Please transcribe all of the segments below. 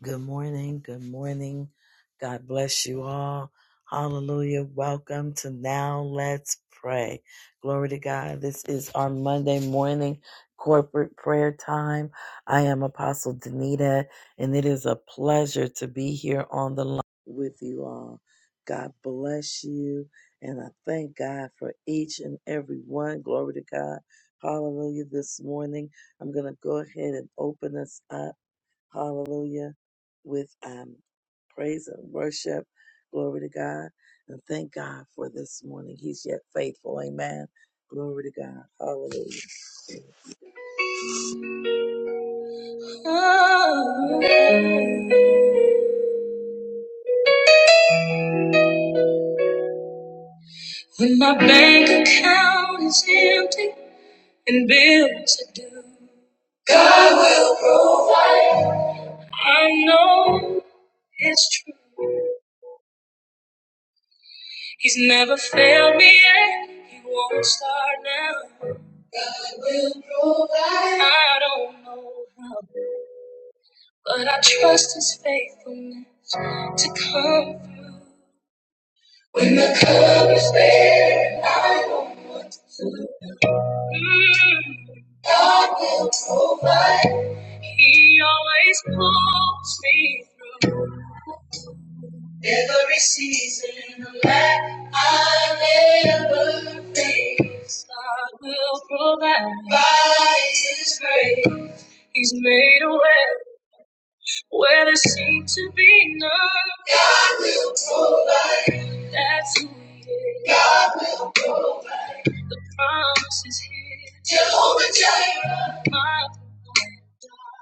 Good morning. Good morning. God bless you all. Hallelujah. Welcome to Now Let's Pray. Glory to God. This is our Monday morning corporate prayer time. I am Apostle Danita, and it is a pleasure to be here on the line with you all. God bless you, and I thank God for each and every one. Glory to God. Hallelujah. This morning, I'm going to go ahead and open us up. Hallelujah. With um, praise and worship. Glory to God. And thank God for this morning. He's yet faithful. Amen. Glory to God. Hallelujah. Oh, when my bank account is empty and bills are due, I know it's true. He's never failed me yet. He won't start now. I don't know how. But I trust his faithfulness to come through. Mm, he always pulls me through. Every season of lack ever face, God will provide by his grace. He's made a way where there seemed to be none. That's who he is. Promises here. My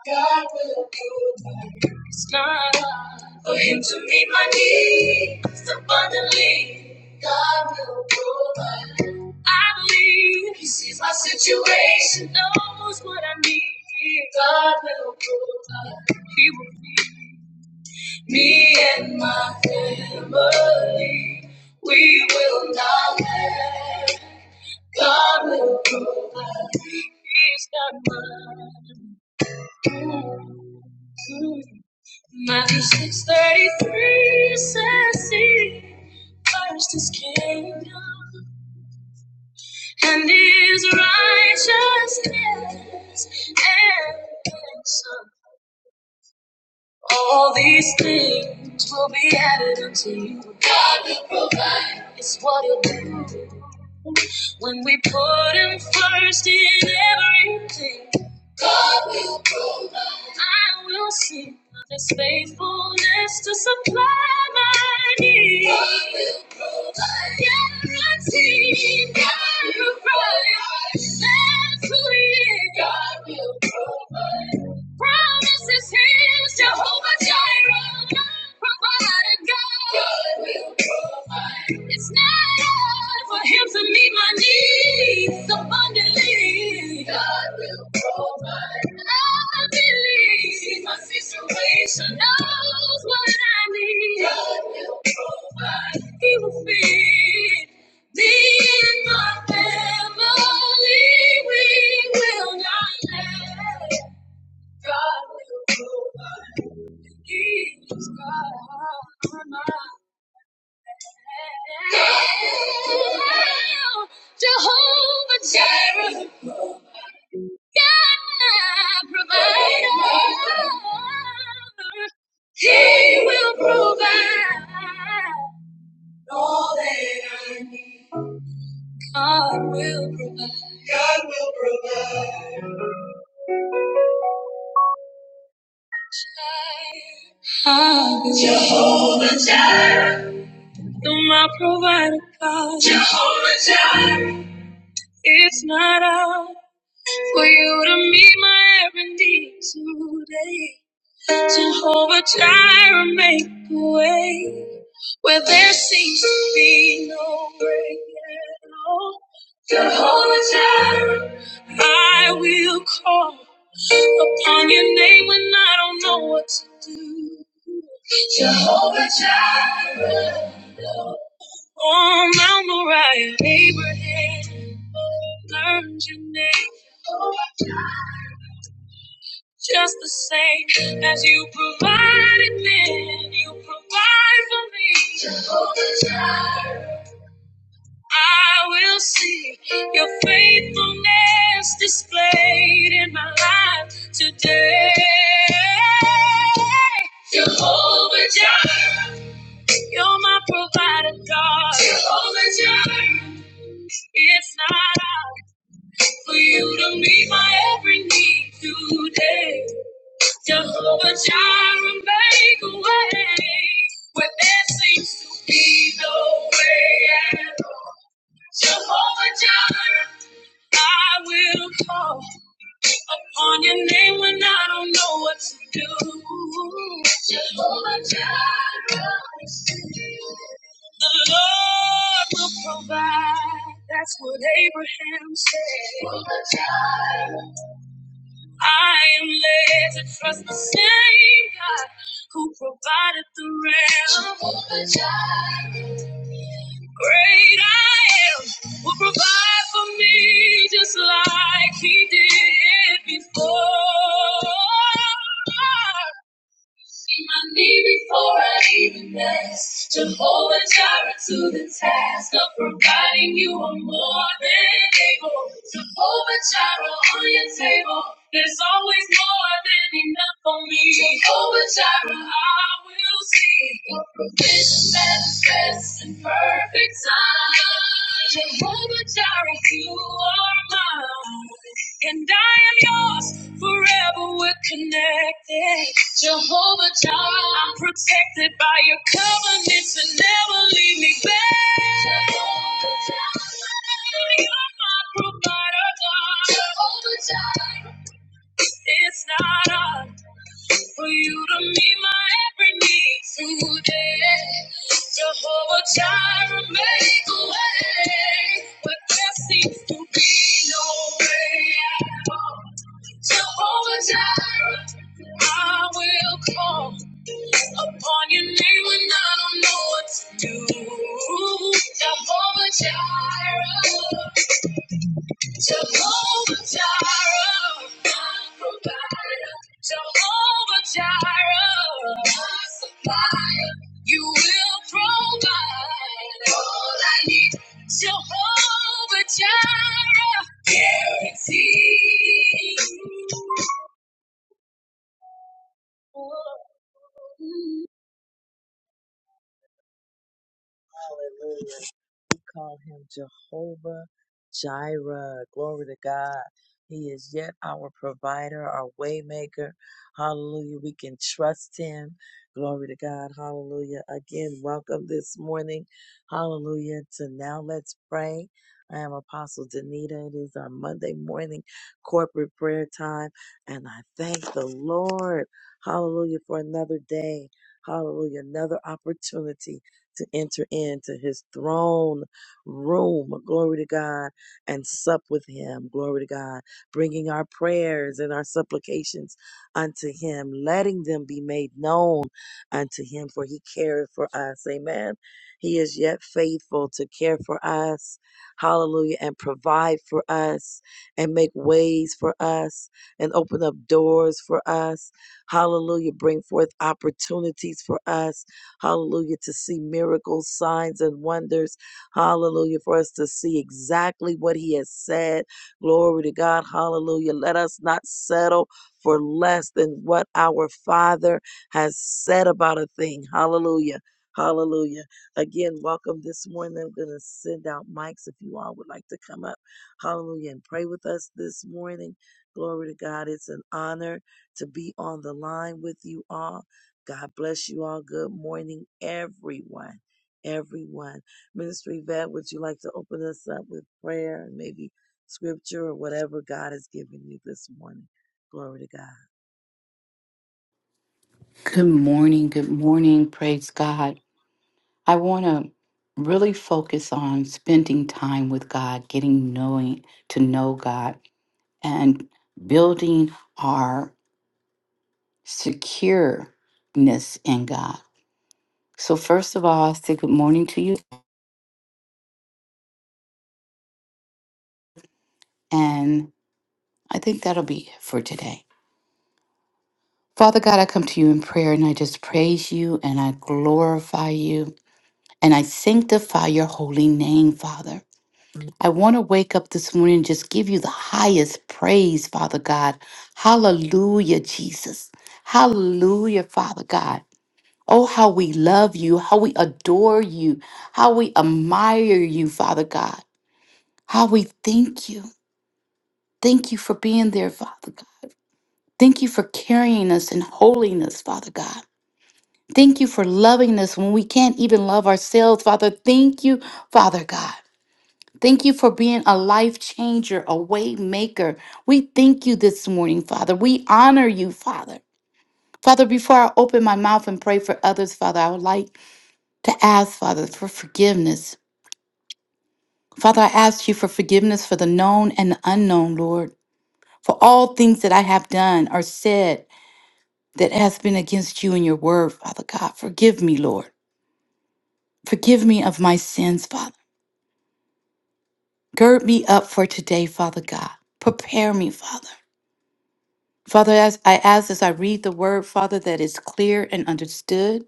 God will provide. It's not hard for him to meet my needs abundantly. God will provide. I believe he sees my situation, knows what I need. God will provide. He will feed me and my family. We will not lack. God will provide. He's not mine. Matthew 6.33 says, See, first his kingdom and his righteousness and some. All these things will be added unto you. God will provide. It's what he'll do. When we put him first in everything, God will provide. I will sing of His faithfulness to supply my need. God will provide. Guarantee. God will provide. That's who He is. God will provide. Promises His Jehovah Jireh. God provider, God. God will provide. It's not over to meet my needs abundantly. God will provide. I believe Sees my situation, knows what I need. God will provide. He will feed me and my family. We will not lack. God will provide. He is God. Jehovah Jireh, God my provider, He will provide all that I need. God will provide. Jehovah, will be my provider, God. Jehovah. It's not out for you to meet my every need today. Jehovah Jireh, make a way where there seems to be no way at all. Jehovah Jireh, I will call upon your name when I don't know what to do. Jehovah Jireh, on Mount Moriah, Abraham learned your name. Jehovah Jireh. Just the same as you provided then, you provide for me. Jehovah Jireh. I will see your faithfulness displayed in my life today. Jehovah Jireh. You're my provider, God. Jehovah Jireh. It's not out for you to meet my every need today. Jehovah Jireh, make a way where there seems to be no way at all. Jehovah Jireh, I will call upon your name when I don't know what to do. Jehovah Jireh. The Lord will provide. That's what Abraham said. I am led to trust the same God who provided the realm. Jehovah Jireh. Great I am will provide for me just like He did before. See my need before I even ask. Jehovah Jireh to the task of providing you are more than able. Jehovah Jireh on your table. There's always more than enough for me. Jehovah Jireh, I will see your provision manifests in perfect time. Jehovah Jireh, you are mine and I am yours forever. We're connected, Jehovah Jireh. I'm protected by your covenant to never leave me back. Jehovah Jireh. You're my provider, God. Jehovah Jireh. It's not us. For you to meet my every need through there. Jehovah Jireh, make a way. But there seems to be no way at all. Jehovah Jireh, I will call upon your name when I don't know what to do. Jehovah Jireh. Jehovah Jireh, my provider. Jehovah Jireh, my supplier. You will provide all I need. Jehovah Jireh, guarantee. call him Jehovah Jireh. Glory to God. He is yet our provider, our waymaker. Hallelujah. We can trust him. Glory to God. Hallelujah. Again, welcome this morning. Hallelujah. To now let's pray. I am Apostle Danita. It is our Monday morning corporate prayer time. And I thank the Lord. Hallelujah for another day. Hallelujah. Another opportunity to enter into his throne room, glory to God, and sup with Him, glory to God, bringing our prayers and our supplications unto Him, letting them be made known unto Him, for He careth for us. Amen. He is yet faithful to care for us, hallelujah, and provide for us, and make ways for us, and open up doors for us, hallelujah, bring forth opportunities for us, hallelujah, to see miracles, signs, and wonders Hallelujah. For us to see exactly what he has said. Glory to God. Hallelujah. Let us not settle for less than what our Father has said about a thing. Hallelujah. Hallelujah. Again, welcome this morning. I'm going to send out mics if you all would like to come up. Hallelujah. And pray with us this morning. Glory to God. It's an honor to be on the line with you all. God bless you all. Good morning, everyone. Everyone. Ministry vet, would you like to open us up with prayer and maybe scripture or whatever God has given you this morning? Glory to God. Good morning. Good morning. Praise God. I want to really focus on spending time with God, getting knowing to know God, and building our secureness in God. So, first of all, I say good morning to you, and I think that'll be it for today. Father God, I come to you in prayer and I just praise you and I glorify you and I sanctify your holy name, Father. I want to wake up this morning and just give you the highest praise, Father God. Hallelujah, Jesus. Hallelujah, Father God. Oh, how we love you, how we adore you, how we admire you, Father God. How we thank you. Thank you for being there, Father God. Thank you for carrying us in holiness, Father God. Thank you for loving us when we can't even love ourselves, Father. Thank you, Father God. Thank you for being a life changer, a way maker. We thank you this morning, Father. We honor you, Father. Father, before I open my mouth and pray for others, Father, I would like to ask, Father, for forgiveness. Father, I ask you for forgiveness for the known and the unknown, Lord, for all things that I have done or said that has been against you and your word, Father God. Forgive me, Lord. Forgive me of my sins, Father. Gird me up for today, Father God. Prepare me, Father. Father, as I ask as I read the word, Father, that is clear and understood.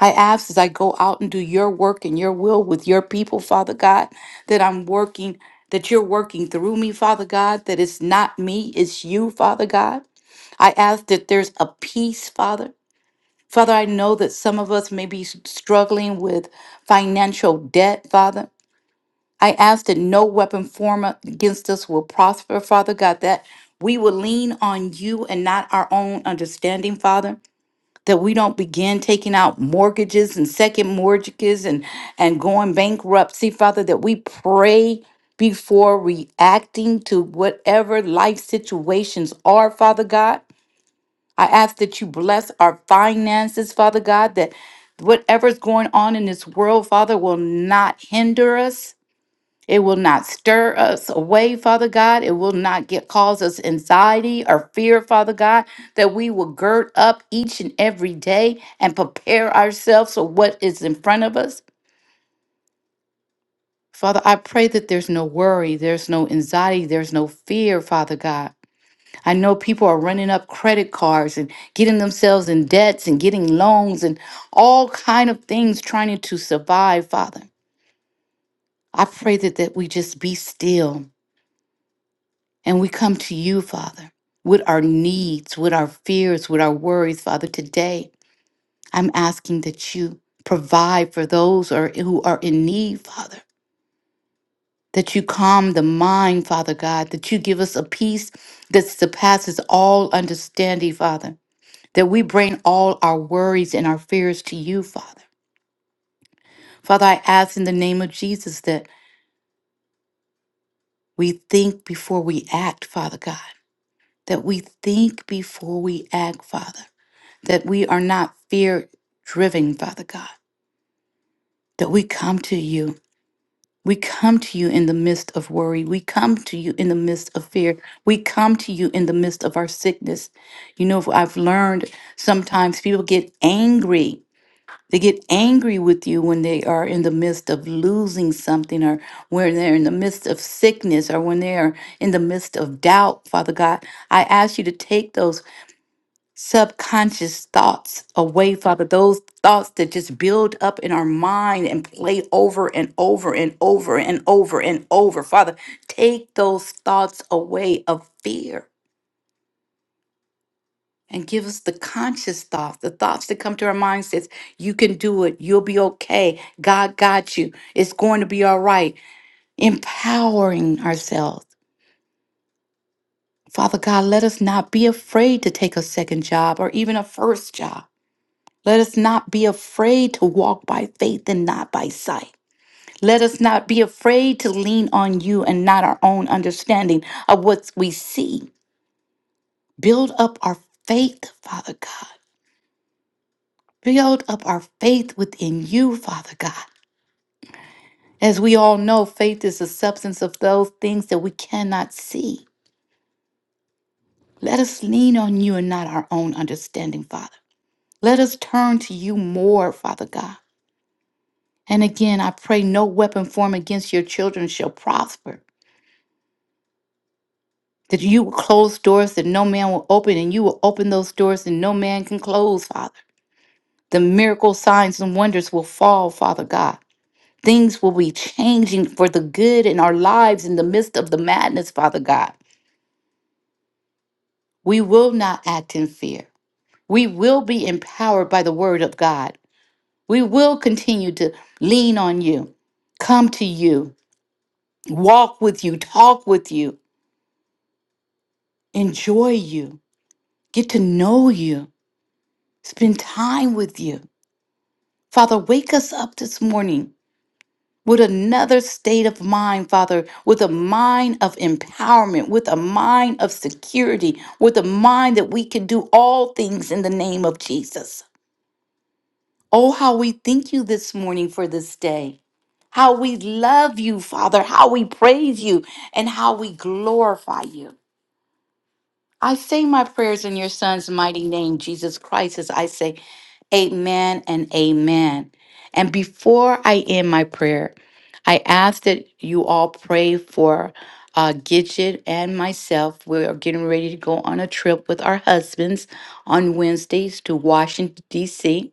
I ask as I go out and do your work and your will with your people, Father God, that I'm working, that you're working through me, Father God, that it's not me, it's you, Father God. I ask that there's a peace, Father. Father, I know that some of us may be s- struggling with financial debt, Father. I ask that no weapon formed against us will prosper, Father God, that we will lean on you and not our own understanding, Father, that we don't begin taking out mortgages and second mortgages and, and going bankruptcy, Father, that we pray before reacting to whatever life situations are, Father God. I ask that you bless our finances, Father God, that whatever's going on in this world, Father, will not hinder us it will not stir us away, Father God. It will not get, cause us anxiety or fear, Father God, that we will gird up each and every day and prepare ourselves for what is in front of us. Father, I pray that there's no worry, there's no anxiety, there's no fear, Father God. I know people are running up credit cards and getting themselves in debts and getting loans and all kind of things trying to survive, Father. I pray that, that we just be still And we come to you, Father, with our needs, with our fears, with our worries, Father. Today, I'm asking that you provide for those or, who are in need, Father. That you calm the mind, Father God, that you give us a peace that surpasses all understanding, Father. That we bring all our worries and our fears to you, Father. Father, I ask in the name of Jesus that we think before we act, Father God. That we think before we act, Father that we are not fear driven, Father God, that we come to you. We come to you in the midst of worry. We come to you in the midst of fear. We come to you in the midst of our sickness. You know, I've learned sometimes people get angry. They get angry with you when they are in the midst of losing something or when they're in the midst of sickness or when they are in the midst of doubt, Father God. I ask you to take those subconscious thoughts away, Father, those thoughts that just build up in our mind and play over and over and over and over and over. Father, take those thoughts away of fear and give us the conscious thoughts, the thoughts that come to our mind says, you can do it, you'll be okay, God got you, it's going to be all right. Empowering ourselves. Father God, let us not be afraid to take a second job or even a first job. Let us not be afraid to walk by faith and not by sight. Let us not be afraid to lean on you and not our own understanding of what we see. Build up our faith, Father God. Build up our faith within you, Father God. As we all know, faith is the substance of those things that we cannot see. Let us lean on you and not our own understanding, Father. Let us turn to you more, Father God. And again, I pray no weapon formed against your children shall prosper. that you will close doors that no man will open, and you will open those doors that no man can close, Father. The miracle signs and wonders will fall, Father God. Things will be changing for the good in our lives in the midst of the madness, Father God. We will not act in fear. We will be empowered by the word of God. We will continue to lean on you, come to you, walk with you, talk with you, enjoy you, get to know you, spend time with you Father, wake us up this morning with another state of mind, Father, with a mind of empowerment, with a mind of security, with a mind that we can do all things in the name of Jesus. Oh, how we thank you this morning for this day. How we love you, Father, how we praise you, and how we glorify you. I say my prayers in your son's mighty name, Jesus Christ, as I say, Amen and Amen. And before I end my prayer, I ask that you all pray for uh, Gidget and myself. We are getting ready to go on a trip with our husbands on Wednesdays to Washington, D.C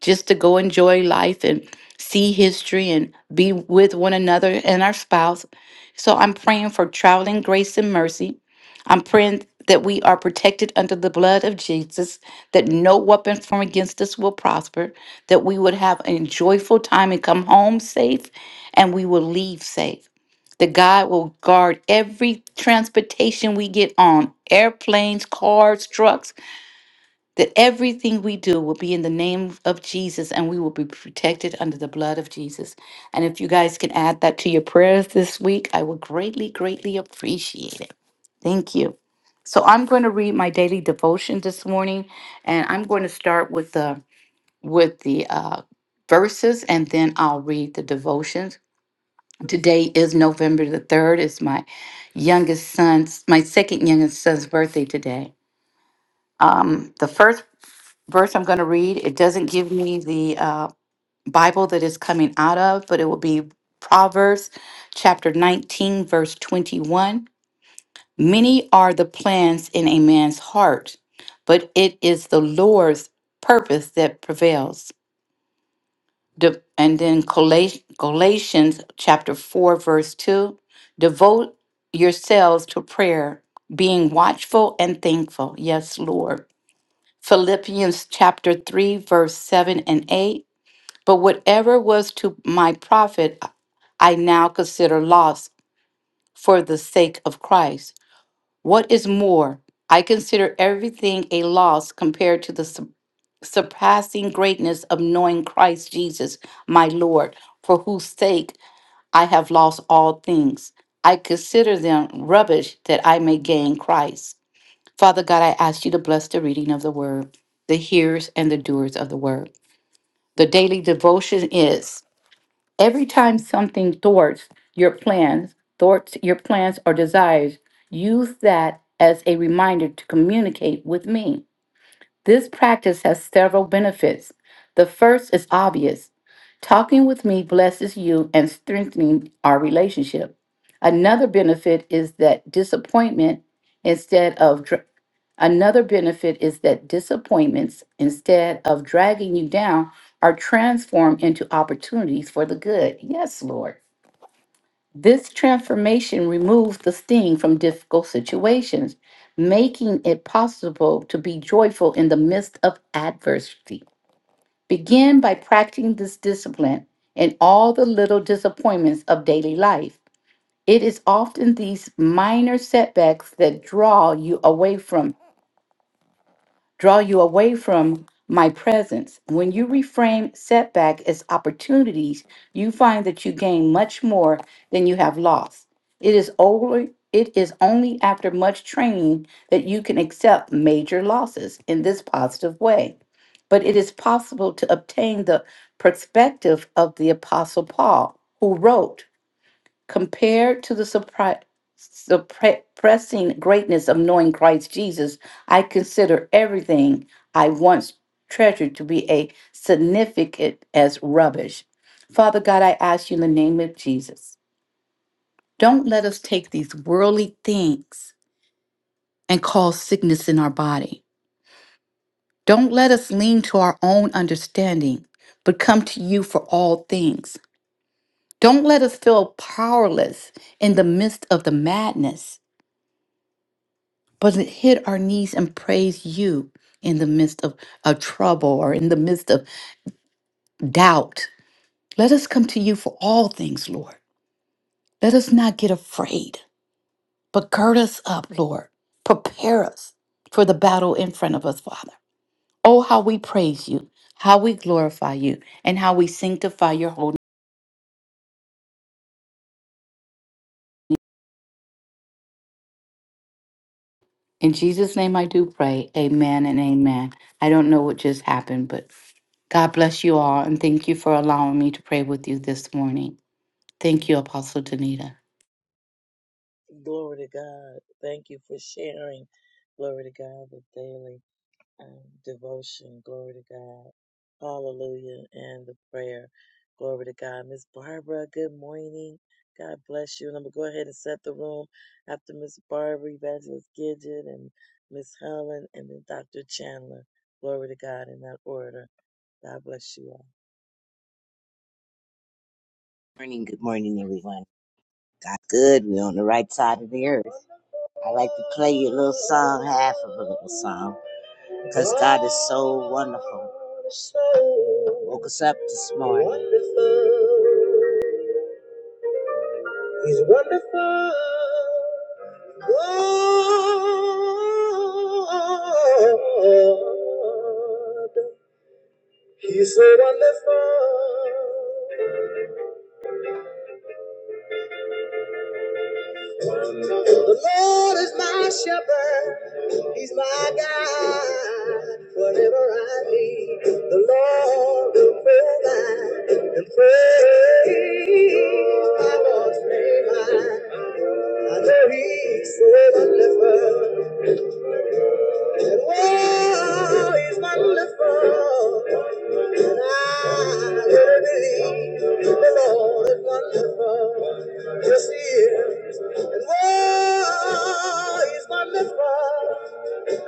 just to go enjoy life and see history and be with one another and our spouse. So I'm praying for traveling grace and mercy. I'm praying that we are protected under the blood of Jesus, that no weapon formed against us will prosper, that we would have a joyful time and come home safe, and we will leave safe. That God will guard every transportation we get on airplanes, cars, trucks, that everything we do will be in the name of Jesus and we will be protected under the blood of Jesus. And if you guys can add that to your prayers this week, I would greatly, greatly appreciate it. Thank you. So I'm going to read my daily devotion this morning and I'm going to start with the with the uh verses and then I'll read the devotions. Today is November the 3rd. It's my youngest son's my second youngest son's birthday today um, the first verse I'm going to read, it doesn't give me the uh, Bible that is coming out of, but it will be Proverbs chapter 19, verse 21. Many are the plans in a man's heart, but it is the Lord's purpose that prevails. De- and then Galat- Galatians chapter 4, verse 2 devote yourselves to prayer, being watchful and thankful. Yes, Lord. Philippians chapter 3, verse 7 and 8. But whatever was to my profit, I now consider loss for the sake of Christ. What is more, I consider everything a loss compared to the su- surpassing greatness of knowing Christ Jesus, my Lord, for whose sake I have lost all things. I consider them rubbish that I may gain Christ Father God, I ask you to bless the reading of the word, the hearers and the doers of the word. The daily devotion is every time something thwarts your plans, thwarts your plans or desires, use that as a reminder to communicate with me. This practice has several benefits. The first is obvious talking with me blesses you and strengthening our relationship. Another benefit is that disappointment instead of dr- another benefit is that disappointments instead of dragging you down are transformed into opportunities for the good. Yes, Lord. This transformation removes the sting from difficult situations, making it possible to be joyful in the midst of adversity. Begin by practicing this discipline in all the little disappointments of daily life. It is often these minor setbacks that draw you away from draw you away from my presence. When you reframe setback as opportunities, you find that you gain much more than you have lost. It is only it is only after much training that you can accept major losses in this positive way. But it is possible to obtain the perspective of the apostle Paul, who wrote Compared to the surpri- suppressing greatness of knowing Christ Jesus, I consider everything I once treasured to be a significant as rubbish. Father God, I ask you in the name of Jesus, don't let us take these worldly things and cause sickness in our body. Don't let us lean to our own understanding, but come to you for all things. Don't let us feel powerless in the midst of the madness. but to hit our knees and praise you in the midst of, of trouble or in the midst of doubt. Let us come to you for all things, Lord. Let us not get afraid, but gird us up, Lord. Prepare us for the battle in front of us, Father. Oh, how we praise you, how we glorify you, and how we sanctify your holy name. In Jesus' name I do pray. Amen and amen. I don't know what just happened, but God bless you all and thank you for allowing me to pray with you this morning. Thank you, Apostle Danita. Glory to God. Thank you for sharing. Glory to God, the daily um, devotion. Glory to God. Hallelujah. And the prayer. Glory to God. Miss Barbara, good morning. God bless you. And I'm going to go ahead and set the room after Miss Barbara, Evangelist Gidget, and Miss Helen, and then Dr. Chandler. Glory to God in that order. God bless you all. Because God is so wonderful. Woke us up this morning. He's wonderful. God. He's so wonderful. The Lord is my shepherd. He's my God, whatever I need, the Lord will provide and praise my Lord's name. I, I know He's so wonderful, and oh, He's wonderful, and I really believe the Lord is wonderful. Yes, He is, and oh, He's wonderful.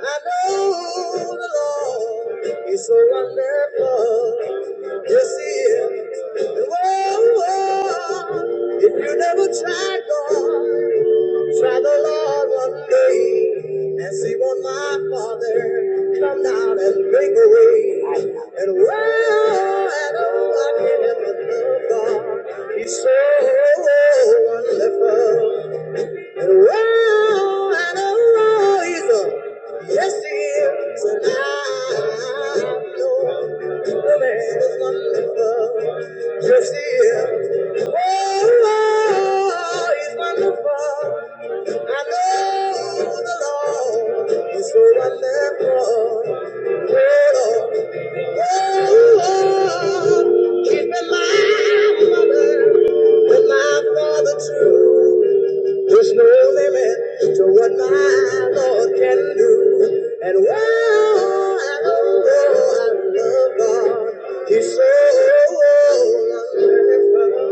I know the Lord is so wonderful. Yes, He is. Whoa, whoa. If you never try God, try the Lord one day. And see what my Father come down and make a way. And whoa, and oh, I can't help but love God. He's so wonderful. Oh, and oh, he's a- yes, he is. And I know the man is wonderful. Yes, he is. Oh, he's wonderful. I know the Lord is so wonderful. Oh, oh, oh, keeping my mother and my father true. There's no limit to what my Lord can do. And wow, I know I love God. He's so wonderful.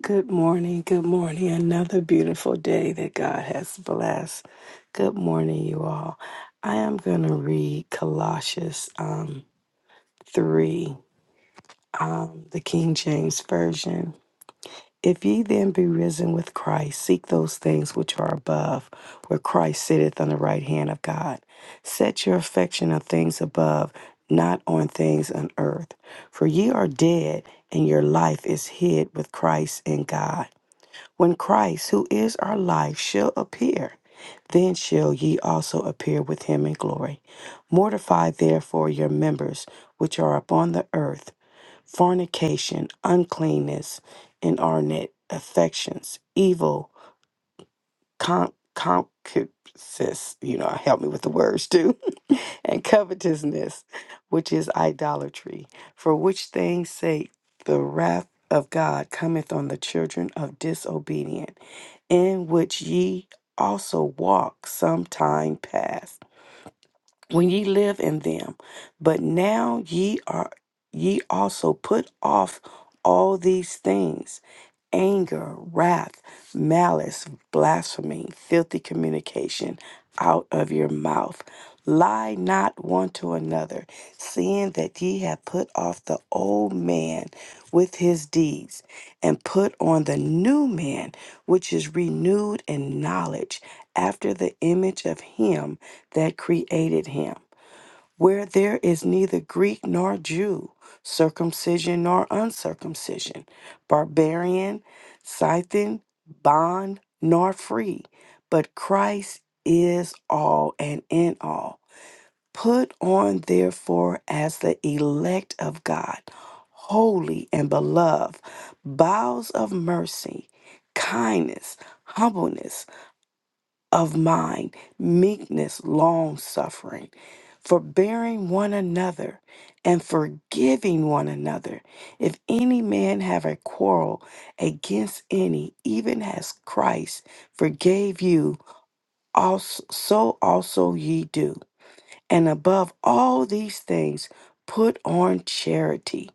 Good morning. Good morning. Another beautiful day that God has blessed. Good morning, you all. I am going to read Colossians um, 3, um, the King James Version. If ye then be risen with Christ, seek those things which are above, where Christ sitteth on the right hand of God. Set your affection on things above, not on things on earth. For ye are dead, and your life is hid with Christ in God. When Christ, who is our life, shall appear, then shall ye also appear with him in glory. Mortify therefore your members which are upon the earth fornication, uncleanness, inordinate affections, evil con- concupiscence, you know, help me with the words too, and covetousness, which is idolatry, for which things sake the wrath of God cometh on the children of disobedient, in which ye also walked some time past when ye live in them. But now ye are ye also put off all these things anger, wrath, malice, blasphemy, filthy communication out of your mouth. Lie not one to another, seeing that ye have put off the old man with his deeds, and put on the new man, which is renewed in knowledge after the image of him that created him, where there is neither Greek nor Jew, circumcision nor uncircumcision, barbarian, Scythian, bond nor free, but Christ is all and in all. Put on, therefore, as the elect of God, holy and beloved, bowels of mercy, kindness, humbleness of mind, meekness, long suffering, forbearing one another, and forgiving one another. If any man have a quarrel against any, even as Christ forgave you, also, so also ye do. And above all these things, put on charity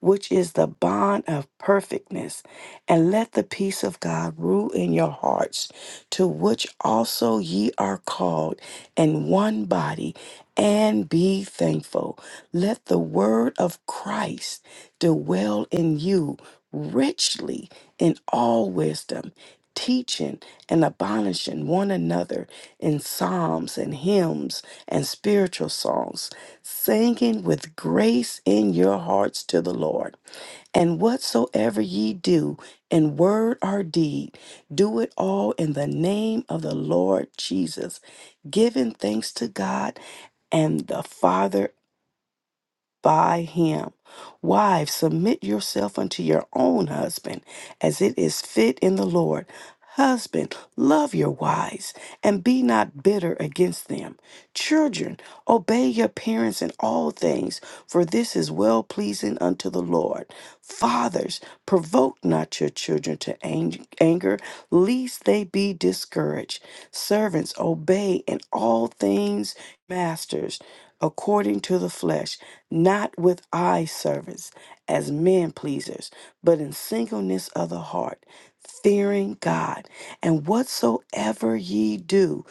which is the bond of perfectness. And let the peace of God rule in your hearts, to which also ye are called in one body, and be thankful. Let the word of Christ dwell in you richly in all wisdom, teaching and abolishing one another in psalms and hymns and spiritual songs singing with grace in your hearts to the Lord. And whatsoever ye do in word or deed, do it all in the name of the Lord Jesus, giving thanks to God and the Father by him. Wives, submit yourself unto your own husband as it is fit in the Lord. Husband, love your wives and be not bitter against them. Children, obey your parents in all things, for this is well pleasing unto the Lord. Fathers, provoke not your children to ang- anger, lest they be discouraged. Servants, obey in all things masters according to the flesh not with eye service as men pleasers, but in singleness of the heart, fearing God. And whatsoever ye do,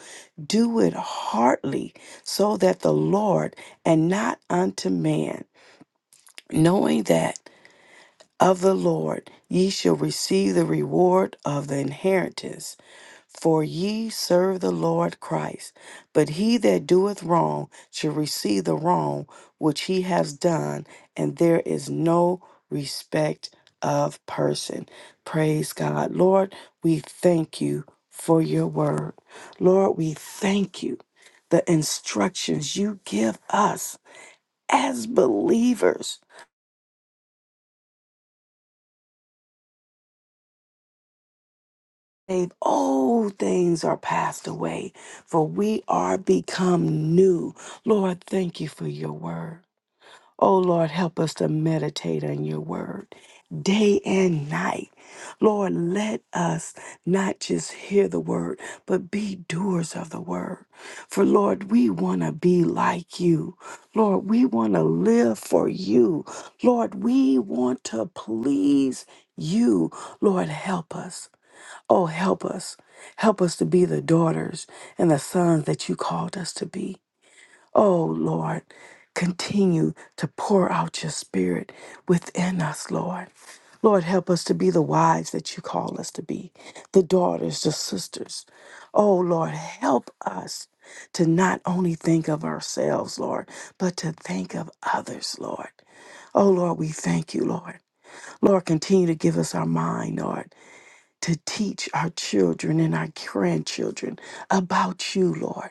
do it heartily, so that the Lord and not unto man, knowing that of the Lord ye shall receive the reward of the inheritance. For ye serve the Lord Christ. But he that doeth wrong shall receive the wrong which he has done, and there is no respect of person. Praise God. Lord, we thank you for your word. Lord, we thank you the instructions you give us as believers. Dave, old things are passed away, for we are become new. Lord, thank you for your word. Oh, Lord, help us to meditate on your word day and night. Lord, let us not just hear the word, but be doers of the word. For, Lord, we want to be like you. Lord, we want to live for you. Lord, we want to please you. Lord, help us. Oh, help us. Help us to be the daughters and the sons that you called us to be. Oh, Lord, continue to pour out your spirit within us, Lord. Lord, help us to be the wives that you call us to be, the daughters, the sisters. Oh, Lord, help us to not only think of ourselves, Lord, but to think of others, Lord. Oh, Lord, we thank you, Lord. Lord, continue to give us our mind, Lord to teach our children and our grandchildren about you, Lord.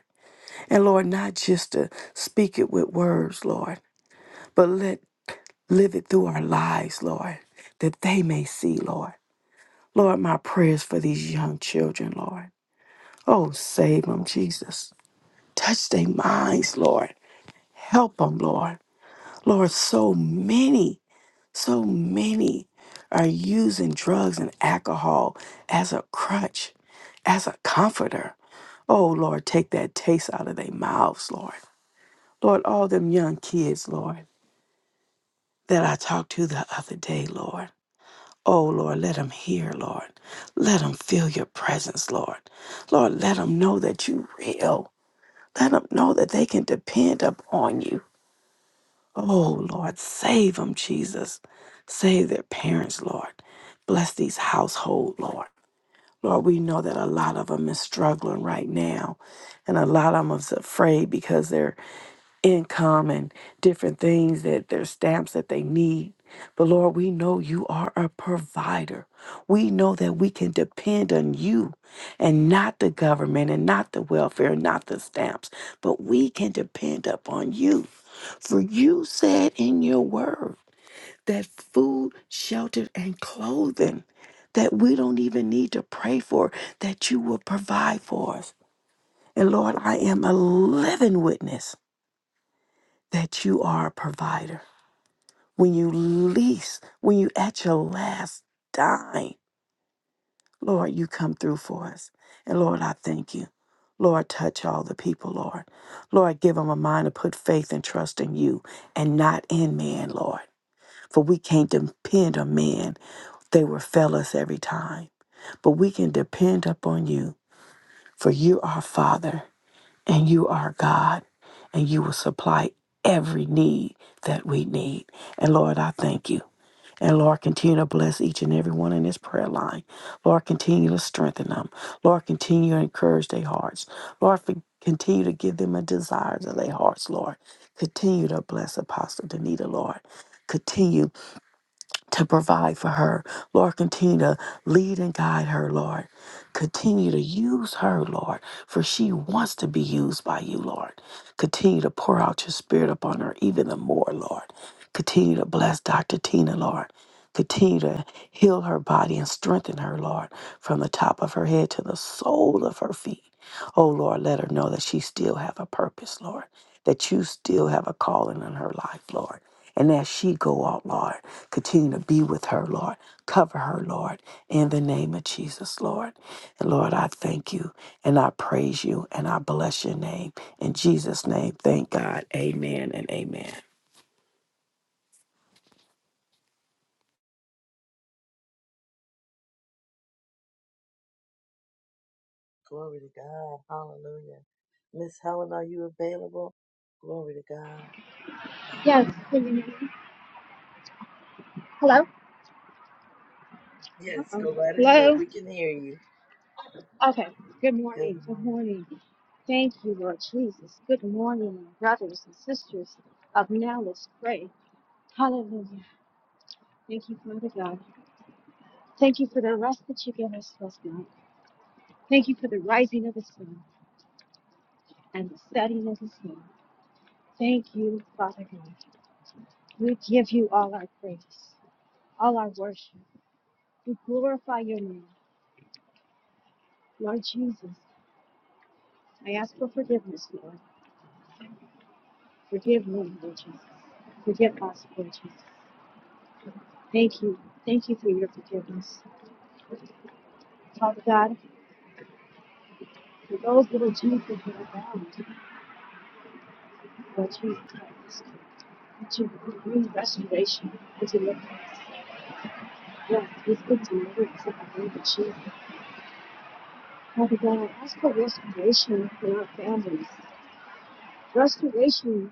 And Lord, not just to speak it with words, Lord, but let live it through our lives, Lord, that they may see, Lord. Lord, my prayers for these young children, Lord. Oh, save them, Jesus. Touch their minds, Lord. Help them, Lord. Lord, so many So many are using drugs and alcohol as a crutch, as a comforter. Oh, Lord, take that taste out of their mouths, Lord. Lord, all them young kids, Lord, that I talked to the other day, Lord. Oh, Lord, let them hear, Lord. Let them feel your presence, Lord. Lord, let them know that you're real. Let them know that they can depend upon you. Oh, Lord, save them, Jesus. Save their parents, Lord. Bless these household, Lord. Lord, we know that a lot of them is struggling right now, and a lot of them is afraid because their income and different things that their stamps that they need. But Lord, we know you are a provider. We know that we can depend on you and not the government and not the welfare and not the stamps, but we can depend upon you. For you said in your word that food, shelter, and clothing that we don't even need to pray for, that you will provide for us. And Lord, I am a living witness that you are a provider. When you least, when you at your last dime, Lord, you come through for us. And Lord, I thank you. Lord, touch all the people, Lord. Lord, give them a mind to put faith and trust in you and not in man, Lord. For we can't depend on man. They will fail us every time. But we can depend upon you, for you are Father and you are God, and you will supply every need that we need. And Lord, I thank you. And Lord, continue to bless each and every one in this prayer line. Lord, continue to strengthen them. Lord, continue to encourage their hearts. Lord, for- continue to give them a desire of their hearts, Lord. Continue to bless Apostle Danita, Lord. Continue to provide for her. Lord, continue to lead and guide her, Lord. Continue to use her, Lord, for she wants to be used by you, Lord. Continue to pour out your spirit upon her even the more, Lord. Continue to bless Dr. Tina, Lord. Continue to heal her body and strengthen her, Lord, from the top of her head to the sole of her feet. Oh, Lord, let her know that she still have a purpose, Lord, that you still have a calling in her life, Lord. And as she go out, Lord, continue to be with her, Lord. Cover her, Lord, in the name of Jesus, Lord. And Lord, I thank you and I praise you and I bless your name. In Jesus' name, thank God. Amen and amen. Glory to God. Hallelujah. Miss Helen, are you available? Glory to God. There you Yes. go. Good morning. Hello. Yes, Uh-oh. go right ahead. Hello? We can hear you. Okay. Good Good morning. Good morning. morning. Thank you, Lord Jesus. Good morning, my brothers and sisters of Now Let's Pray. Hallelujah. Thank you, Father God. Thank you for the rest that you give us, Lord God. Thank you for the rising of the sun and the setting of the sun. Thank you, Father God. We give you all our praise, all our worship. We glorify your name, Lord Jesus. I ask for forgiveness, Lord. Forgive me, Lord Jesus. Forgive us, Lord Jesus. Thank you. Thank you for your forgiveness. Father God, for those little Jesus that are bound, Lord Jesus, ask you that you would bring restoration and deliverance. Yes, we speak deliverance in the name of Jesus. Father God, ask for restoration for our families. Restoration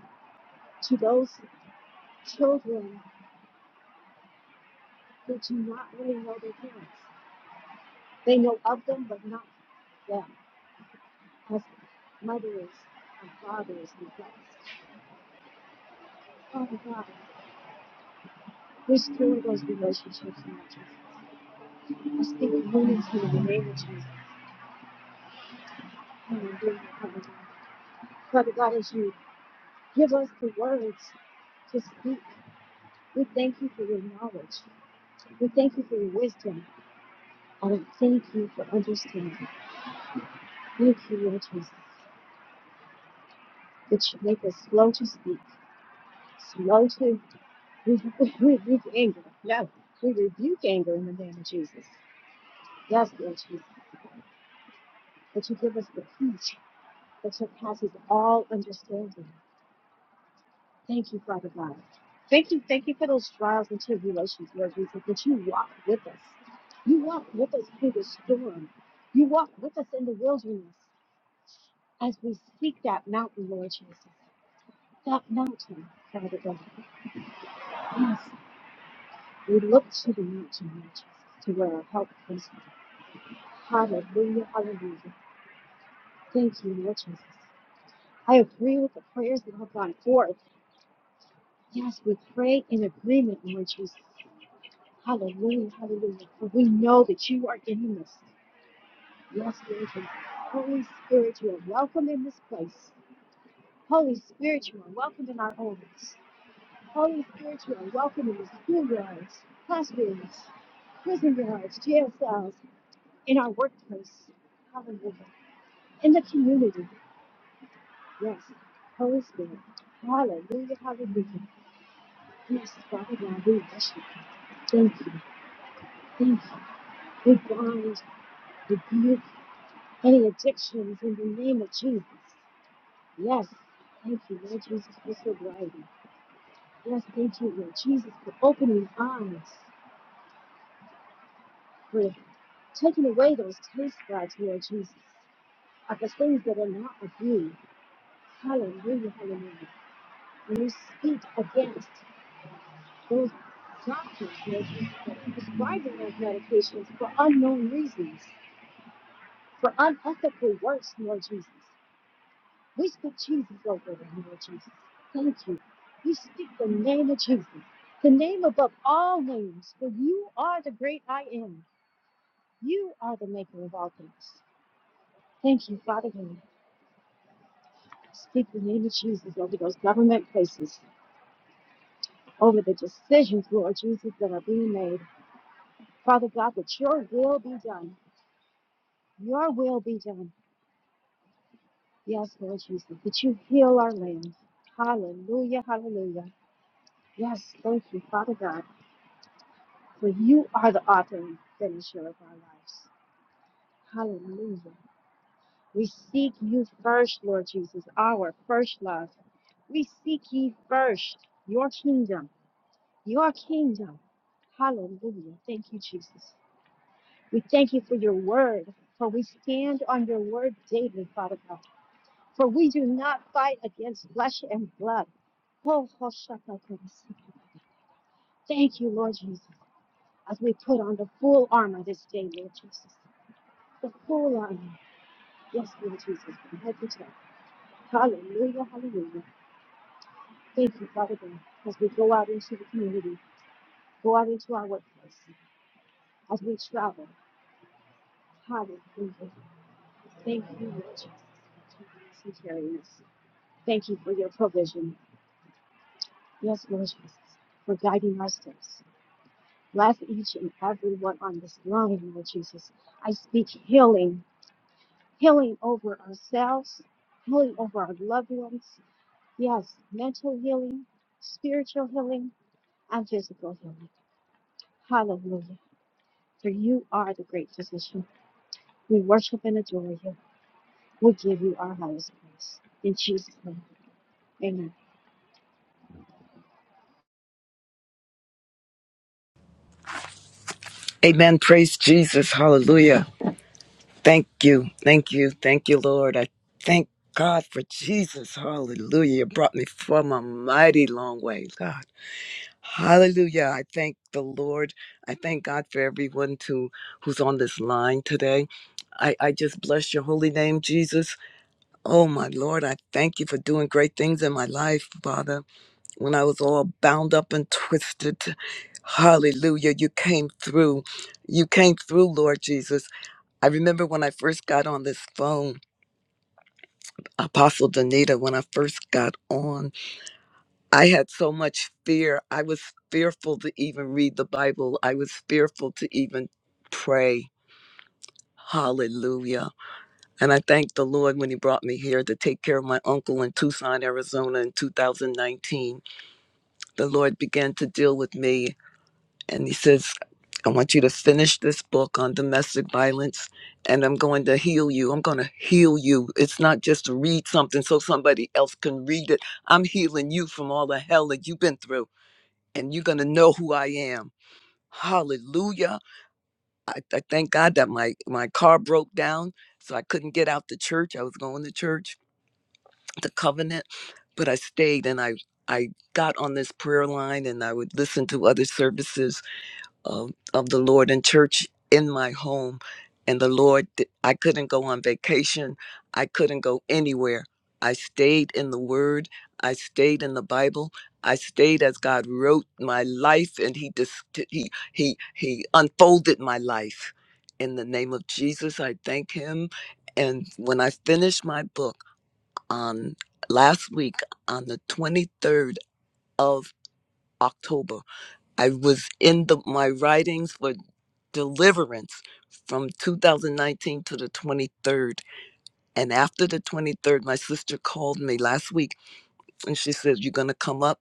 to those children who do not really know their parents. They know of them, but not them. husbands, mothers, and fathers and blessed. Father God, restore those relationships, Lord Jesus. I speak unity in the name of Jesus. Hallelujah, Father God. Father God, as you give us the words to speak, we thank you for your knowledge. We thank you for your wisdom. And we thank you for understanding. Thank you, Lord Jesus, that you make us slow to speak Slow to we rebuke anger. No, we rebuke anger in the name of Jesus. Yes, Lord Jesus, that you give us the peace that surpasses all understanding. Thank you, Father God. Thank you, thank you for those trials and tribulations, Lord Jesus, that you walk with us. You walk with us through the storm. You walk with us in the wilderness as we seek that mountain, Lord Jesus. That mountain, Father God. Yes. We look to the mountain, Lord Jesus, to where our help comes from. Hallelujah, hallelujah. Thank you, Lord Jesus. I agree with the prayers that have gone forth. Yes, we pray in agreement, Lord Jesus. Hallelujah, hallelujah. For we know that you are in the Yes, Lord Jesus. Holy Spirit, you are welcome in this place. Holy Spirit, you are welcome in our homes. Holy Spirit, you are welcome in the schoolyards, classrooms, prison yards, jail cells. in our workplace. Hallelujah. In the community. Yes. Holy Spirit. Hallelujah. Hallelujah. Yes, Father God, we worship you. Thank you. Thank you. We bind, rebuke any addictions in the name of Jesus. Yes. Thank you, Lord Jesus, for sobriety. Yes, thank you, Lord Jesus, for opening eyes, for taking away those taste buds, Lord Jesus, of the things that are not of you. Hallelujah, hallelujah. you speak against those doctors that are prescribing those medications for unknown reasons, for unethical works, Lord Jesus, we speak Jesus over them, Lord Jesus. Thank you. We speak the name of Jesus, the name above all names, for you are the great I am. You are the maker of all things. Thank you, Father God. Speak the name of Jesus over those government places, over the decisions, Lord Jesus, that are being made. Father God, that your will be done. Your will be done. Yes, Lord Jesus, that you heal our land. Hallelujah, hallelujah. Yes, thank you, Father God, for you are the author and finisher of our lives. Hallelujah. We seek you first, Lord Jesus, our first love. We seek ye first your kingdom, your kingdom. Hallelujah. Thank you, Jesus. We thank you for your word, for we stand on your word daily, Father God. For we do not fight against flesh and blood. Oh, Hoshakakarasaka. Thank you, Lord Jesus, as we put on the full armor this day, Lord Jesus. The full armor. Yes, Lord Jesus, from head to toe. Hallelujah, hallelujah. Thank you, Father God, as we go out into the community, go out into our workplace, as we travel. Hallelujah. Thank you, Lord Jesus, for keeping us and carrying us. Thank you for your provision. Yes, Lord Jesus, for guiding our steps. Bless each and every one on this line, Lord Jesus. I speak healing, healing over ourselves, healing over our loved ones. Yes, mental healing, spiritual healing, and physical healing. Hallelujah. For you are the great physician. We worship and adore you. We give you our highest praise. In Jesus' name, amen. Amen. Praise Jesus. Hallelujah. Thank you. Thank you. Thank you, Lord. I thank God for Jesus. Hallelujah. You brought me from a mighty long way, God. Hallelujah. I thank the Lord. I thank God for everyone to who's on this line today. I, I just bless your holy name, Jesus. Oh my Lord, I thank you for doing great things in my life, Father when I was all bound up and twisted. Hallelujah. You came through. You came through, Lord Jesus. I remember when I first got on this phone, Apostle Danita, when I first got on, I had so much fear. I was fearful to even read the Bible, I was fearful to even pray. Hallelujah. And I thank the Lord when He brought me here to take care of my uncle in Tucson, Arizona in 2019. The Lord began to deal with me and he says, I want you to finish this book on domestic violence and I'm going to heal you. I'm going to heal you. It's not just to read something so somebody else can read it. I'm healing you from all the hell that you've been through and you're going to know who I am. Hallelujah. I, I thank God that my, my car broke down, so I couldn't get out the church. I was going to church, the covenant, but I stayed and I, I got on this prayer line and I would listen to other services um, of the Lord and church in my home. And the Lord, di- I couldn't go on vacation. I couldn't go anywhere. I stayed in the Word. I stayed in the Bible. I stayed as God wrote my life, and He dis- He He He unfolded my life. In the name of Jesus, I thank Him. And when I finished my book on last week on the 23rd of October, I was in the my writings for deliverance from 2019 to the 23rd. And after the 23rd, my sister called me last week and she said, You're going to come up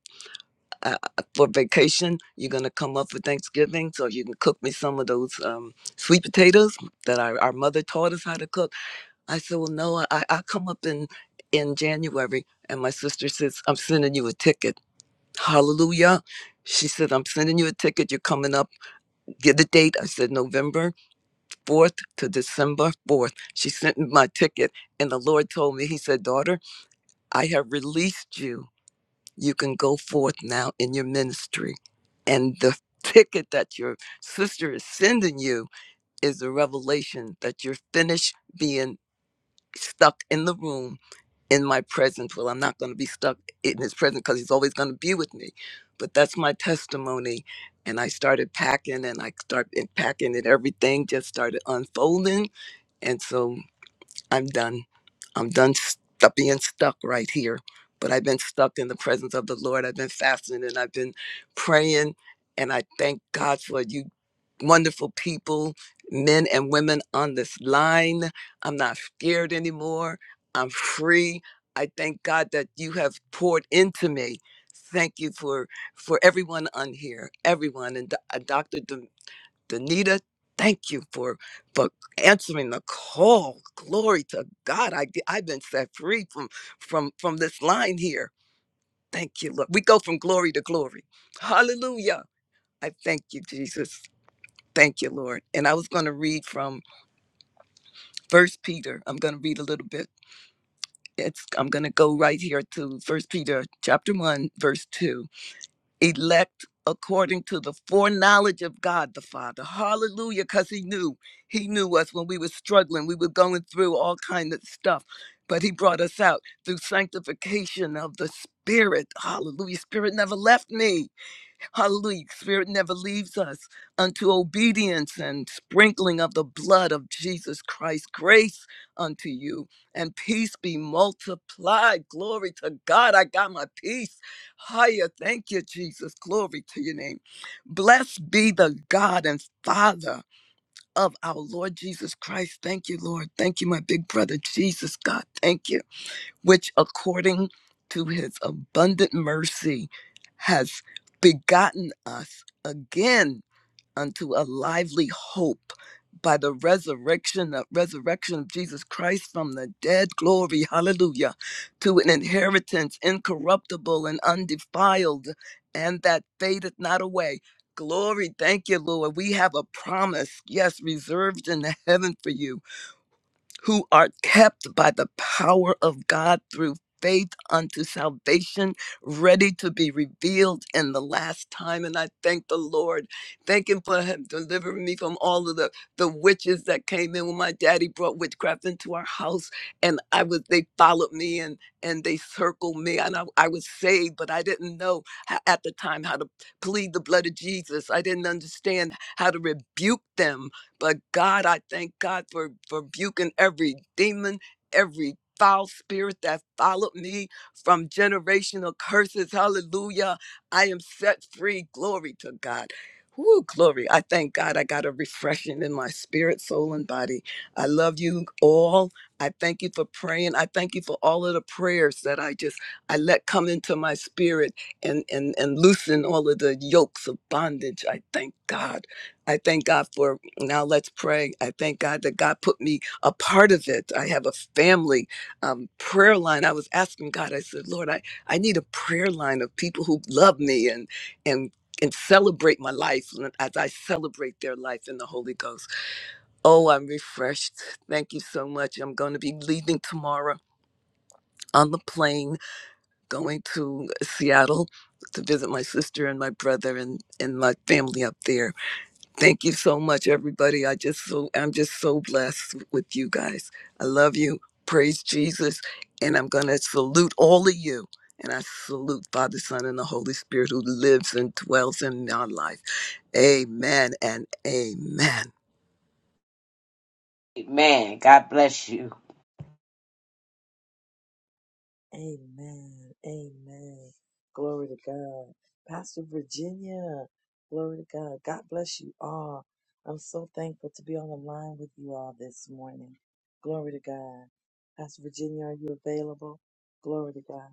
uh, uh, for vacation. You're going to come up for Thanksgiving so you can cook me some of those um, sweet potatoes that our, our mother taught us how to cook. I said, Well, no, I, I come up in, in January. And my sister says, I'm sending you a ticket. Hallelujah. She said, I'm sending you a ticket. You're coming up Get the date. I said November 4th to December 4th. She sent me my ticket, and the Lord told me, He said, Daughter, I have released you. You can go forth now in your ministry. And the ticket that your sister is sending you is a revelation that you're finished being stuck in the room in my presence. Well, I'm not going to be stuck in his presence because he's always going to be with me. But that's my testimony. And I started packing and I started packing and everything just started unfolding. And so I'm done. I'm done st- being stuck right here. But I've been stuck in the presence of the Lord. I've been fasting and I've been praying. And I thank God for you, wonderful people, men and women on this line. I'm not scared anymore. I'm free. I thank God that you have poured into me. Thank you for for everyone on here, everyone, and Do- uh, Dr. Danita, thank you for for answering the call. Glory to God. I get- I've been set free from from from this line here. Thank you, Lord. We go from glory to glory. Hallelujah. I thank you, Jesus. Thank you, Lord. And I was going to read from First Peter. I'm going to read a little bit. It's I'm going to go right here to First Peter chapter 1 verse 2 elect according to the foreknowledge of God the Father. Hallelujah, because he knew. He knew us when we were struggling. We were going through all kind of stuff. But he brought us out through sanctification of the Spirit. Hallelujah. Spirit never left me. Hallelujah. Spirit never leaves us unto obedience and sprinkling of the blood of Jesus Christ. Grace unto you and peace be multiplied. Glory to God. I got my peace. Higher. Thank you, Jesus. Glory to your name. Blessed be the God and Father of our Lord Jesus Christ. Thank you, Lord. Thank you, my big brother, Jesus, God. Thank you which according to his abundant mercy has begotten us again unto a lively hope by the resurrection of resurrection of Jesus Christ from the dead glory hallelujah to an inheritance incorruptible and undefiled and that fadeth not away glory thank you lord we have a promise yes reserved in the heaven for you who are kept by the power of God through faith unto salvation, ready to be revealed in the last time. And I thank the Lord. Thank Him for him delivering me from all of the, the witches that came in when my daddy brought witchcraft into our house. And I was they followed me and and they circled me. And I, I was saved, but I didn't know ho- at the time how to plead the blood of Jesus. I didn't understand how to rebuke them but God, I thank God for for rebuking every demon, every foul spirit that followed me from generational curses. Hallelujah. I am set free. Glory to God. Woo, glory. I thank God I got a refreshing in my spirit, soul, and body. I love you all. I thank you for praying. I thank you for all of the prayers that I just I let come into my spirit and and and loosen all of the yokes of bondage. I thank God. I thank God for now. Let's pray. I thank God that God put me a part of it. I have a family um, prayer line. I was asking God. I said, Lord, I I need a prayer line of people who love me and and and celebrate my life as I celebrate their life in the Holy Ghost. Oh, I'm refreshed. Thank you so much. I'm going to be leaving tomorrow on the plane, going to Seattle to visit my sister and my brother and and my family up there Thank you so much, everybody. I just so I'm just so blessed with you guys. I love you. Praise Jesus. And I'm gonna salute all of you. And I salute Father, Son, and the Holy Spirit who lives and dwells in our life. Amen and amen. Amen. Amen. Glory to God. Pastor Virginia, glory to God. God bless you all. I'm so thankful to be on the line with you all this morning. Glory to God. Pastor Virginia, are you available? Glory to God.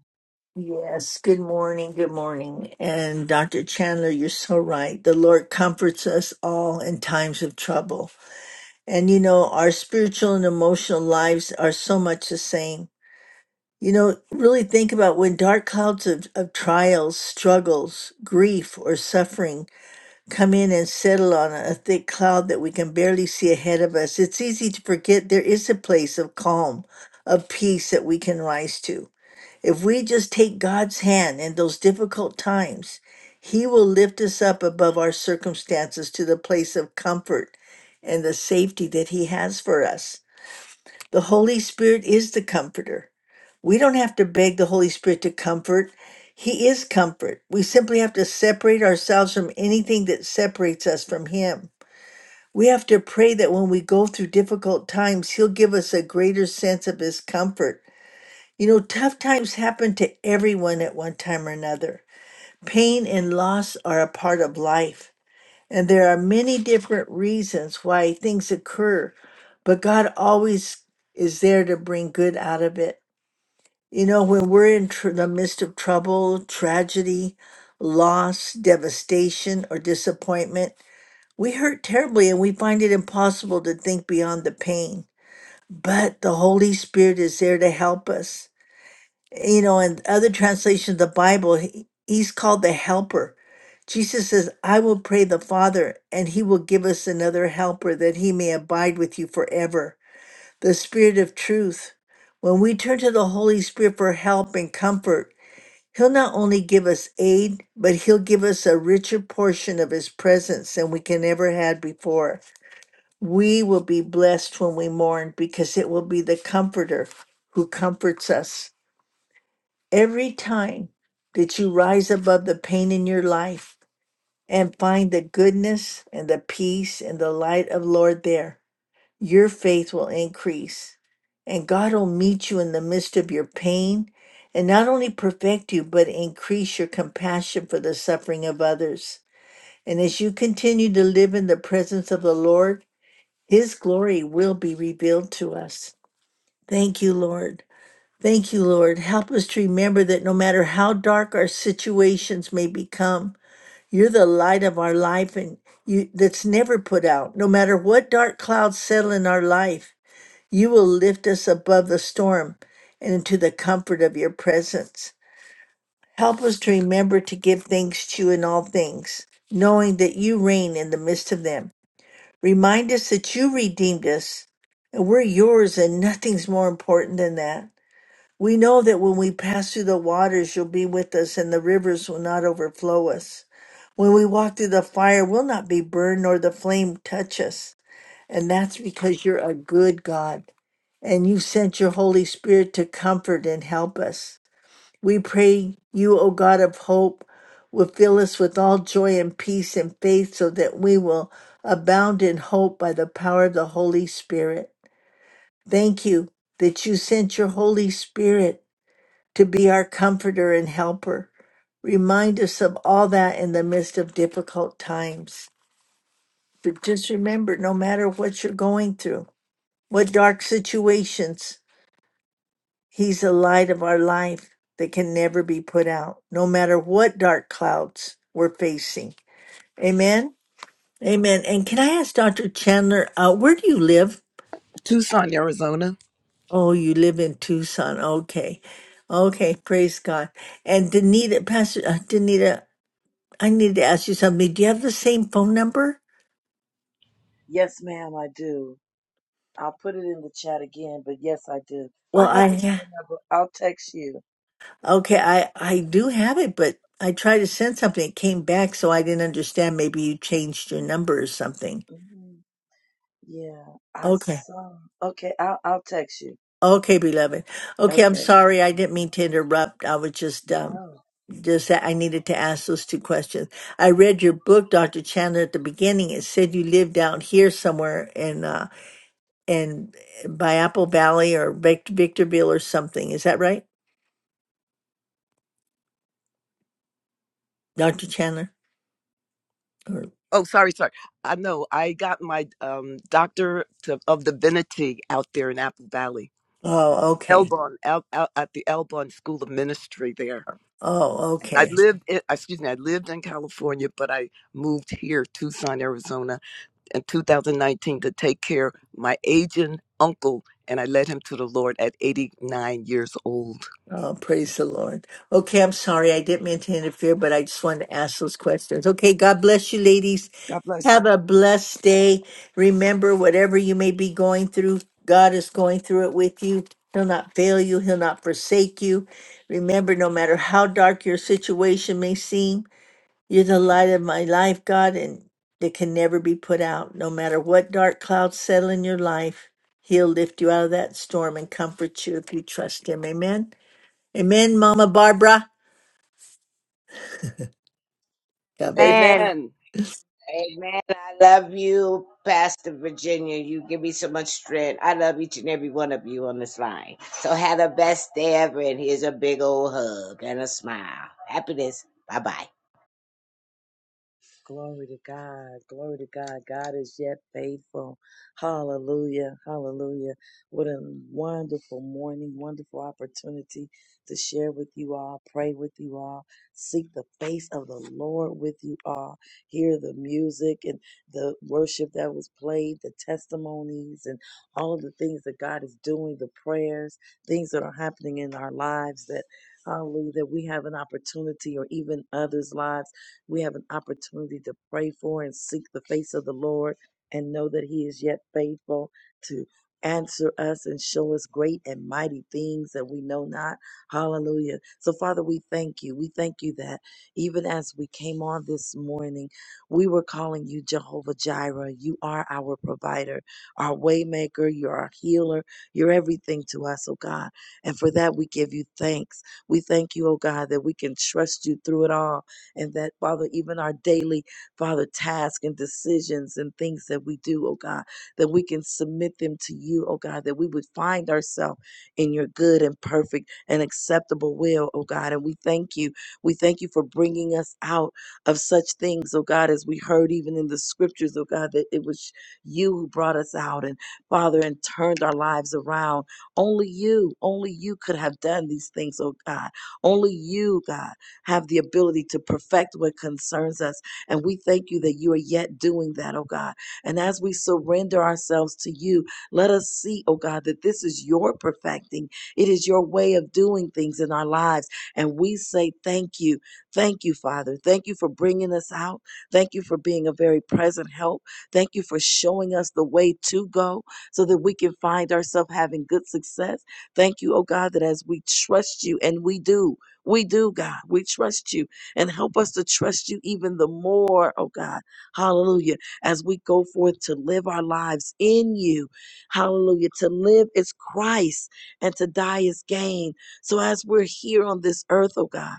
Yes, good morning, good morning. And Dr. Chandler, you're so right. The Lord comforts us all in times of trouble. And you know, our spiritual and emotional lives are so much the same. You know, really think about when dark clouds of, of trials, struggles, grief, or suffering come in and settle on a thick cloud that we can barely see ahead of us. It's easy to forget there is a place of calm, of peace that we can rise to. If we just take God's hand in those difficult times, He will lift us up above our circumstances to the place of comfort and the safety that He has for us. The Holy Spirit is the comforter. We don't have to beg the Holy Spirit to comfort, He is comfort. We simply have to separate ourselves from anything that separates us from Him. We have to pray that when we go through difficult times, He'll give us a greater sense of His comfort you know, tough times happen to everyone at one time or another. Pain and loss are a part of life, and there are many different reasons why things occur, but God always is there to bring good out of it. You know, when we're in tr- the midst of trouble, tragedy, loss, devastation, or disappointment, we hurt terribly and we find it impossible to think beyond the pain. But the Holy Spirit is there to help us you know, in other translations of the Bible, he- he's called the helper. Jesus says, I will pray the Father, and he will give us another helper that he may abide with you forever, the Spirit of truth. When we turn to the Holy Spirit for help and comfort, he'll not only give us aid, but he'll give us a richer portion of his presence than we can ever had before. We will be blessed when we mourn because it will be the comforter who comforts us. Every time that you rise above the pain in your life and find the goodness and the peace and the light of Lord there, your faith will increase. And God will meet you in the midst of your pain and not only perfect you, but increase your compassion for the suffering of others. And as you continue to live in the presence of the Lord, His glory will be revealed to us. Thank you, Lord. Thank you, Lord. Help us to remember that no matter how dark our situations may become, you're the light of our life and you that's never put out. No matter what dark clouds settle in our life, you will lift us above the storm and into the comfort of your presence. Help us to remember to give thanks to you in all things, knowing that you reign in the midst of them. Remind us that you redeemed us and we're yours and nothing's more important than that. We know that when we pass through the waters, you'll be with us, and the rivers will not overflow us. When we walk through the fire, we'll not be burned, nor the flame touch us. And that's because you're a good God, and you sent your Holy Spirit to comfort and help us. We pray you, O God of hope, will fill us with all joy and peace and faith so that we will abound in hope by the power of the Holy Spirit. Thank you that you sent your Holy Spirit to be our comforter and helper. Remind us of all that in the midst of difficult times. But just remember no matter what you're going through, what dark situations, He's the light of our life that can never be put out, no matter what dark clouds we're facing. Amen. Amen. And can I ask Dr. Chandler, uh, where do you live? Tucson, Arizona. Oh, you live in Tucson. Okay. Okay. Praise God. And Danita, Pastor uh, Danita, I need to ask you something. Do you have the same phone number? Yes, ma'am, I do. I'll put it in the chat again, but yes, I do. I Well, have I your yeah. phone number. I'll text you. Okay, I I do have it, but I tried to send something. It came back, so I didn't understand. Maybe you changed your number or something. hmm Yeah, I Okay. saw. Okay, I'll I'll text you. Okay, beloved. Okay, I'm Okay. sorry. I didn't mean to interrupt. I was just um No. just that I needed to ask those two questions. I read your book, Dr. Chandler, at the beginning. It said you lived out here somewhere in uh in by Apple Valley or Vic- Victorville or something. Is that right, Dr. Chandler? Oh, sorry, sorry. I know I got my um, doctor to, of divinity out there in Apple Valley, Oh, okay. Elbon, El, El, at the Elbon School of Ministry there Oh, I okay. lived in, excuse me, I lived in California, but I moved here, Tucson, Arizona, in 2019 to take care of my aging uncle, and I led him to the Lord at 89 years old. Oh, praise the Lord. Okay, I'm sorry. I didn't mean to interfere, but I just wanted to ask those questions. Okay, God bless you, ladies. God bless you. Have a blessed day. Remember, whatever you may be going through, God is going through it with you. He'll not fail you, He'll not forsake you. Remember, no matter how dark your situation may seem, You're the light of my life, God, and that can never be put out. No matter what dark clouds settle in your life, He'll lift you out of that storm and comfort you if you trust Him. Amen. Amen, Mama Barbara. God bless. Amen. Glory to God. Glory to God. God is yet faithful. Hallelujah. Hallelujah. What a wonderful morning, wonderful opportunity to share with you all, pray with you all, seek the face of the Lord with you all, hear the music and the worship that was played, the testimonies and all of the things that God is doing, the prayers, things that are happening in our lives that Hallelujah, that we have an opportunity or even others' lives we have an opportunity to pray for and seek the face of the Lord and know that He is yet faithful to answer us and show us great and mighty things that we know not. Hallelujah. So, Father, we thank you. We thank you that even as we came on this morning, we were calling you Jehovah Jireh. You are our provider, our waymaker, you're our healer, you're everything to us, oh God. And for that, we give you thanks. We thank you, oh God, that we can trust you through it all and that, Father, even our daily, Father, task and decisions and things that we do, oh God, that we can submit them to you, oh God, that we would find ourselves in your good and perfect and acceptable will, oh God. And we thank you. We thank you for bringing us out of such things, oh God, as we heard even in the scriptures, oh God, that it was you who brought us out and Father and turned our lives around. Only you, only you could have done these things, oh God. Only you, God have the ability to perfect what concerns us. And we thank you that you are yet doing that, oh God. And as we surrender ourselves to you, let us see, oh God, that this is your perfecting. It is your way of doing things in our lives. And we say thank you. Thank you, Father. Thank you for bringing us out. Thank you for being a very present help. Thank you for showing us the way to go so that we can find ourselves having good success. Thank you, oh God, that as we trust you, and we do, we do, God. We trust you and help us to trust you even the more, oh God. Hallelujah. As we go forth to live our lives in you. Hallelujah. To live is Christ and to die is gain. So as we're here on this earth, oh God,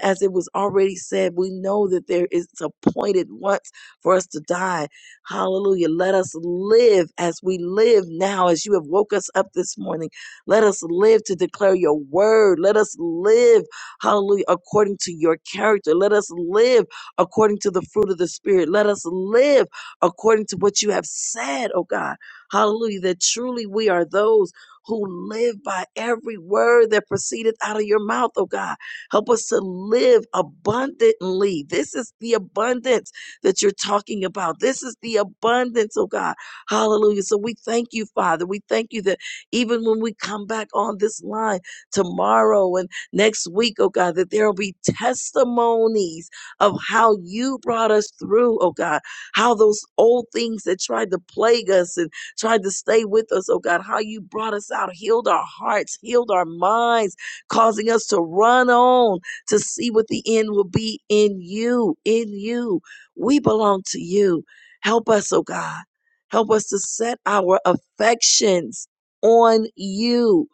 as it was already said, we know that there is appointed once for us to die. Hallelujah. Let us live as we live now, as you have woke us up this morning. Let us live to declare your word. Let us live Hallelujah. According to your character. Let us live according to the fruit of the Spirit. Let us live according to what you have said, oh God. Hallelujah. That truly we are those who live by every word that proceedeth out of your mouth, oh God. Help us to live abundantly. This is the abundance that you're talking about. This is the abundance, oh God. Hallelujah. So we thank you, Father. We thank you that even when we come back on this line tomorrow and next week, oh God, that there will be testimonies of how you brought us through, oh God, how those old things that tried to plague us and tried to stay with us, oh God, how you brought us out, healed our hearts, healed our minds, causing us to run on to see what the end will be in you, in you. We belong to you. Help us, oh God. Help us to set our affections on you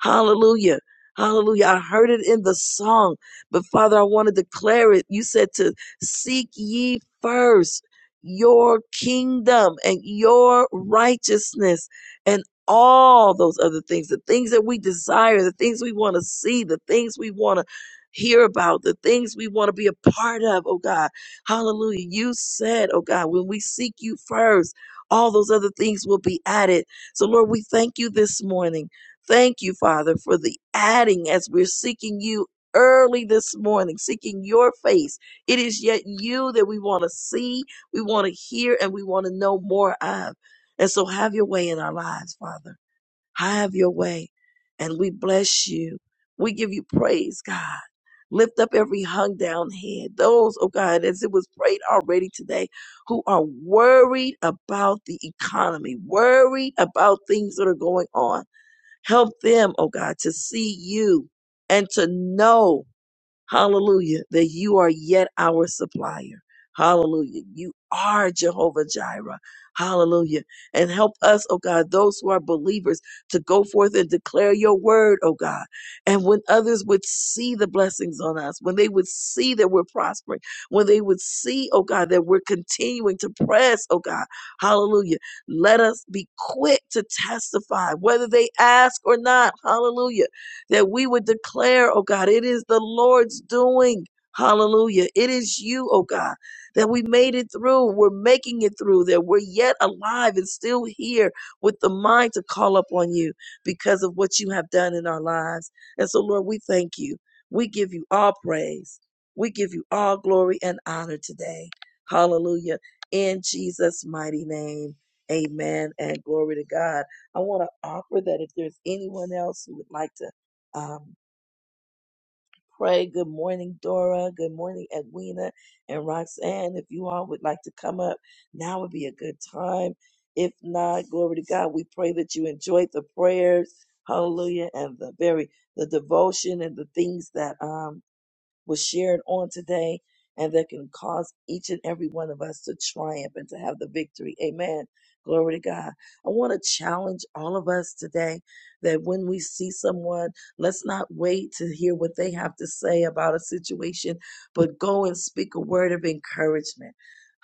Hallelujah. Hallelujah. I heard it in the song, but Father, I want to declare it. You said to seek ye first your kingdom and your righteousness and all those other things, the things that we desire, the things we want to see, the things we want to hear about, the things we want to be a part of, oh God. Hallelujah. You said, oh God, when we seek you first, all those other things will be added. So, Lord, we thank you this morning. Thank you, Father, for the adding as we're seeking you early this morning, seeking your face. It is yet you that we want to see, we want to hear, and we want to know more of. And so have your way in our lives, Father. Have your way. And we bless you. We give you praise, God. Lift up every hung down head. Those, oh God, as it was prayed already today, who are worried about the economy, worried about things that are going on Help them, oh God, to see you and to know. Hallelujah. That you are yet our supplier. Hallelujah. You are Jehovah Jireh. Hallelujah. And help us, oh God, those who are believers to go forth and declare your word, oh God. And when others would see the blessings on us, when they would see that we're prospering, when they would see, oh God, that we're continuing to press, oh God. Hallelujah. Let us be quick to testify, whether they ask or not. Hallelujah that we would declare, oh God, it is the Lord's doing. Hallelujah. It is you, oh God, that we made it through. We're making it through, that we're yet alive and still here with the mind to call upon you because of what you have done in our lives. And so, Lord, we thank you. We give you all praise. We give you all glory and honor today. Hallelujah. In Jesus' mighty name. Amen and glory to God. I want to offer that if there's anyone else who would like to um, pray. Good morning, Dora. Good morning, Edwina and Roxanne. If you all would like to come up, now would be a good time. If not, glory to God. We pray that you enjoyed the prayers, hallelujah, and the very the devotion and the things that um was shared on today and that can cause each and every one of us to triumph and to have the victory. Amen. Glory to God. I want to challenge all of us today that when we see someone, let's not wait to hear what they have to say about a situation, but go and speak a word of encouragement.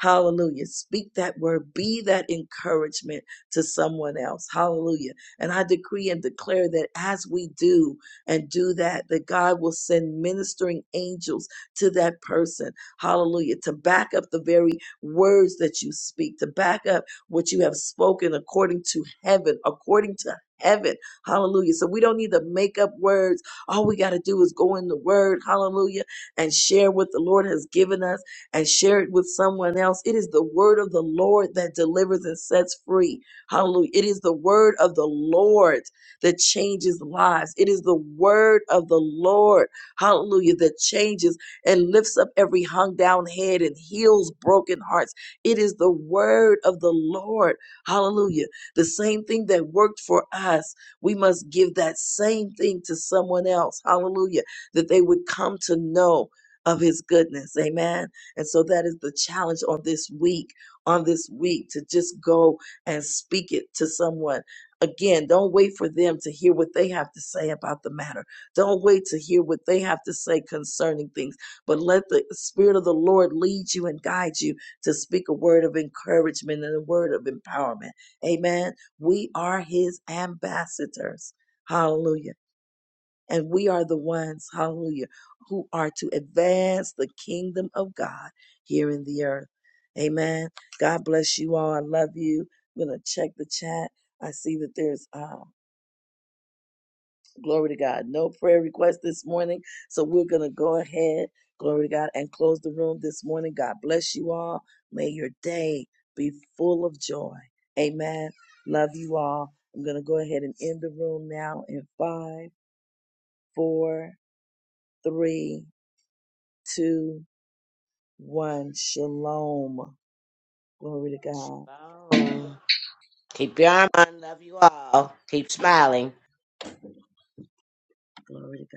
Hallelujah. Speak that word. Be that encouragement to someone else. Hallelujah. And I decree and declare that as we do, and do that, that God will send ministering angels to that person. Hallelujah. To back up the very words that you speak, to back up what you have spoken according to heaven, according to heaven. Hallelujah. So we don't need to make up words. All we got to do is go in the word. Hallelujah. And share what the Lord has given us and share it with someone else. It is the word of the Lord that delivers and sets free. Hallelujah. It is the word of the Lord that changes lives. It is the word of the Lord, hallelujah, that changes and lifts up every hung down head and heals broken hearts. It is the word of the Lord, hallelujah. The same thing that worked for us, we must give that same thing to someone else, hallelujah, that they would come to know of his goodness, amen. And so that is the challenge on this week, on this week to just go and speak it to someone Again, don't wait for them to hear what they have to say about the matter. Don't wait to hear what they have to say concerning things, but let the Spirit of the Lord lead you and guide you to speak a word of encouragement and a word of empowerment. Amen. We are His ambassadors. Hallelujah. And we are the ones, hallelujah, who are to advance the kingdom of God here in the earth. Amen. God bless you all. I love you. I'm going to check the chat. I see that there's, uh, glory to God, no prayer request this morning. So we're going to go ahead, glory to God, and close the room this morning. God bless you all. May your day be full of joy. Amen. Love you all. I'm going to go ahead and end the room now in five, four, three, two, one. Shalom. Glory to God. Glory to God.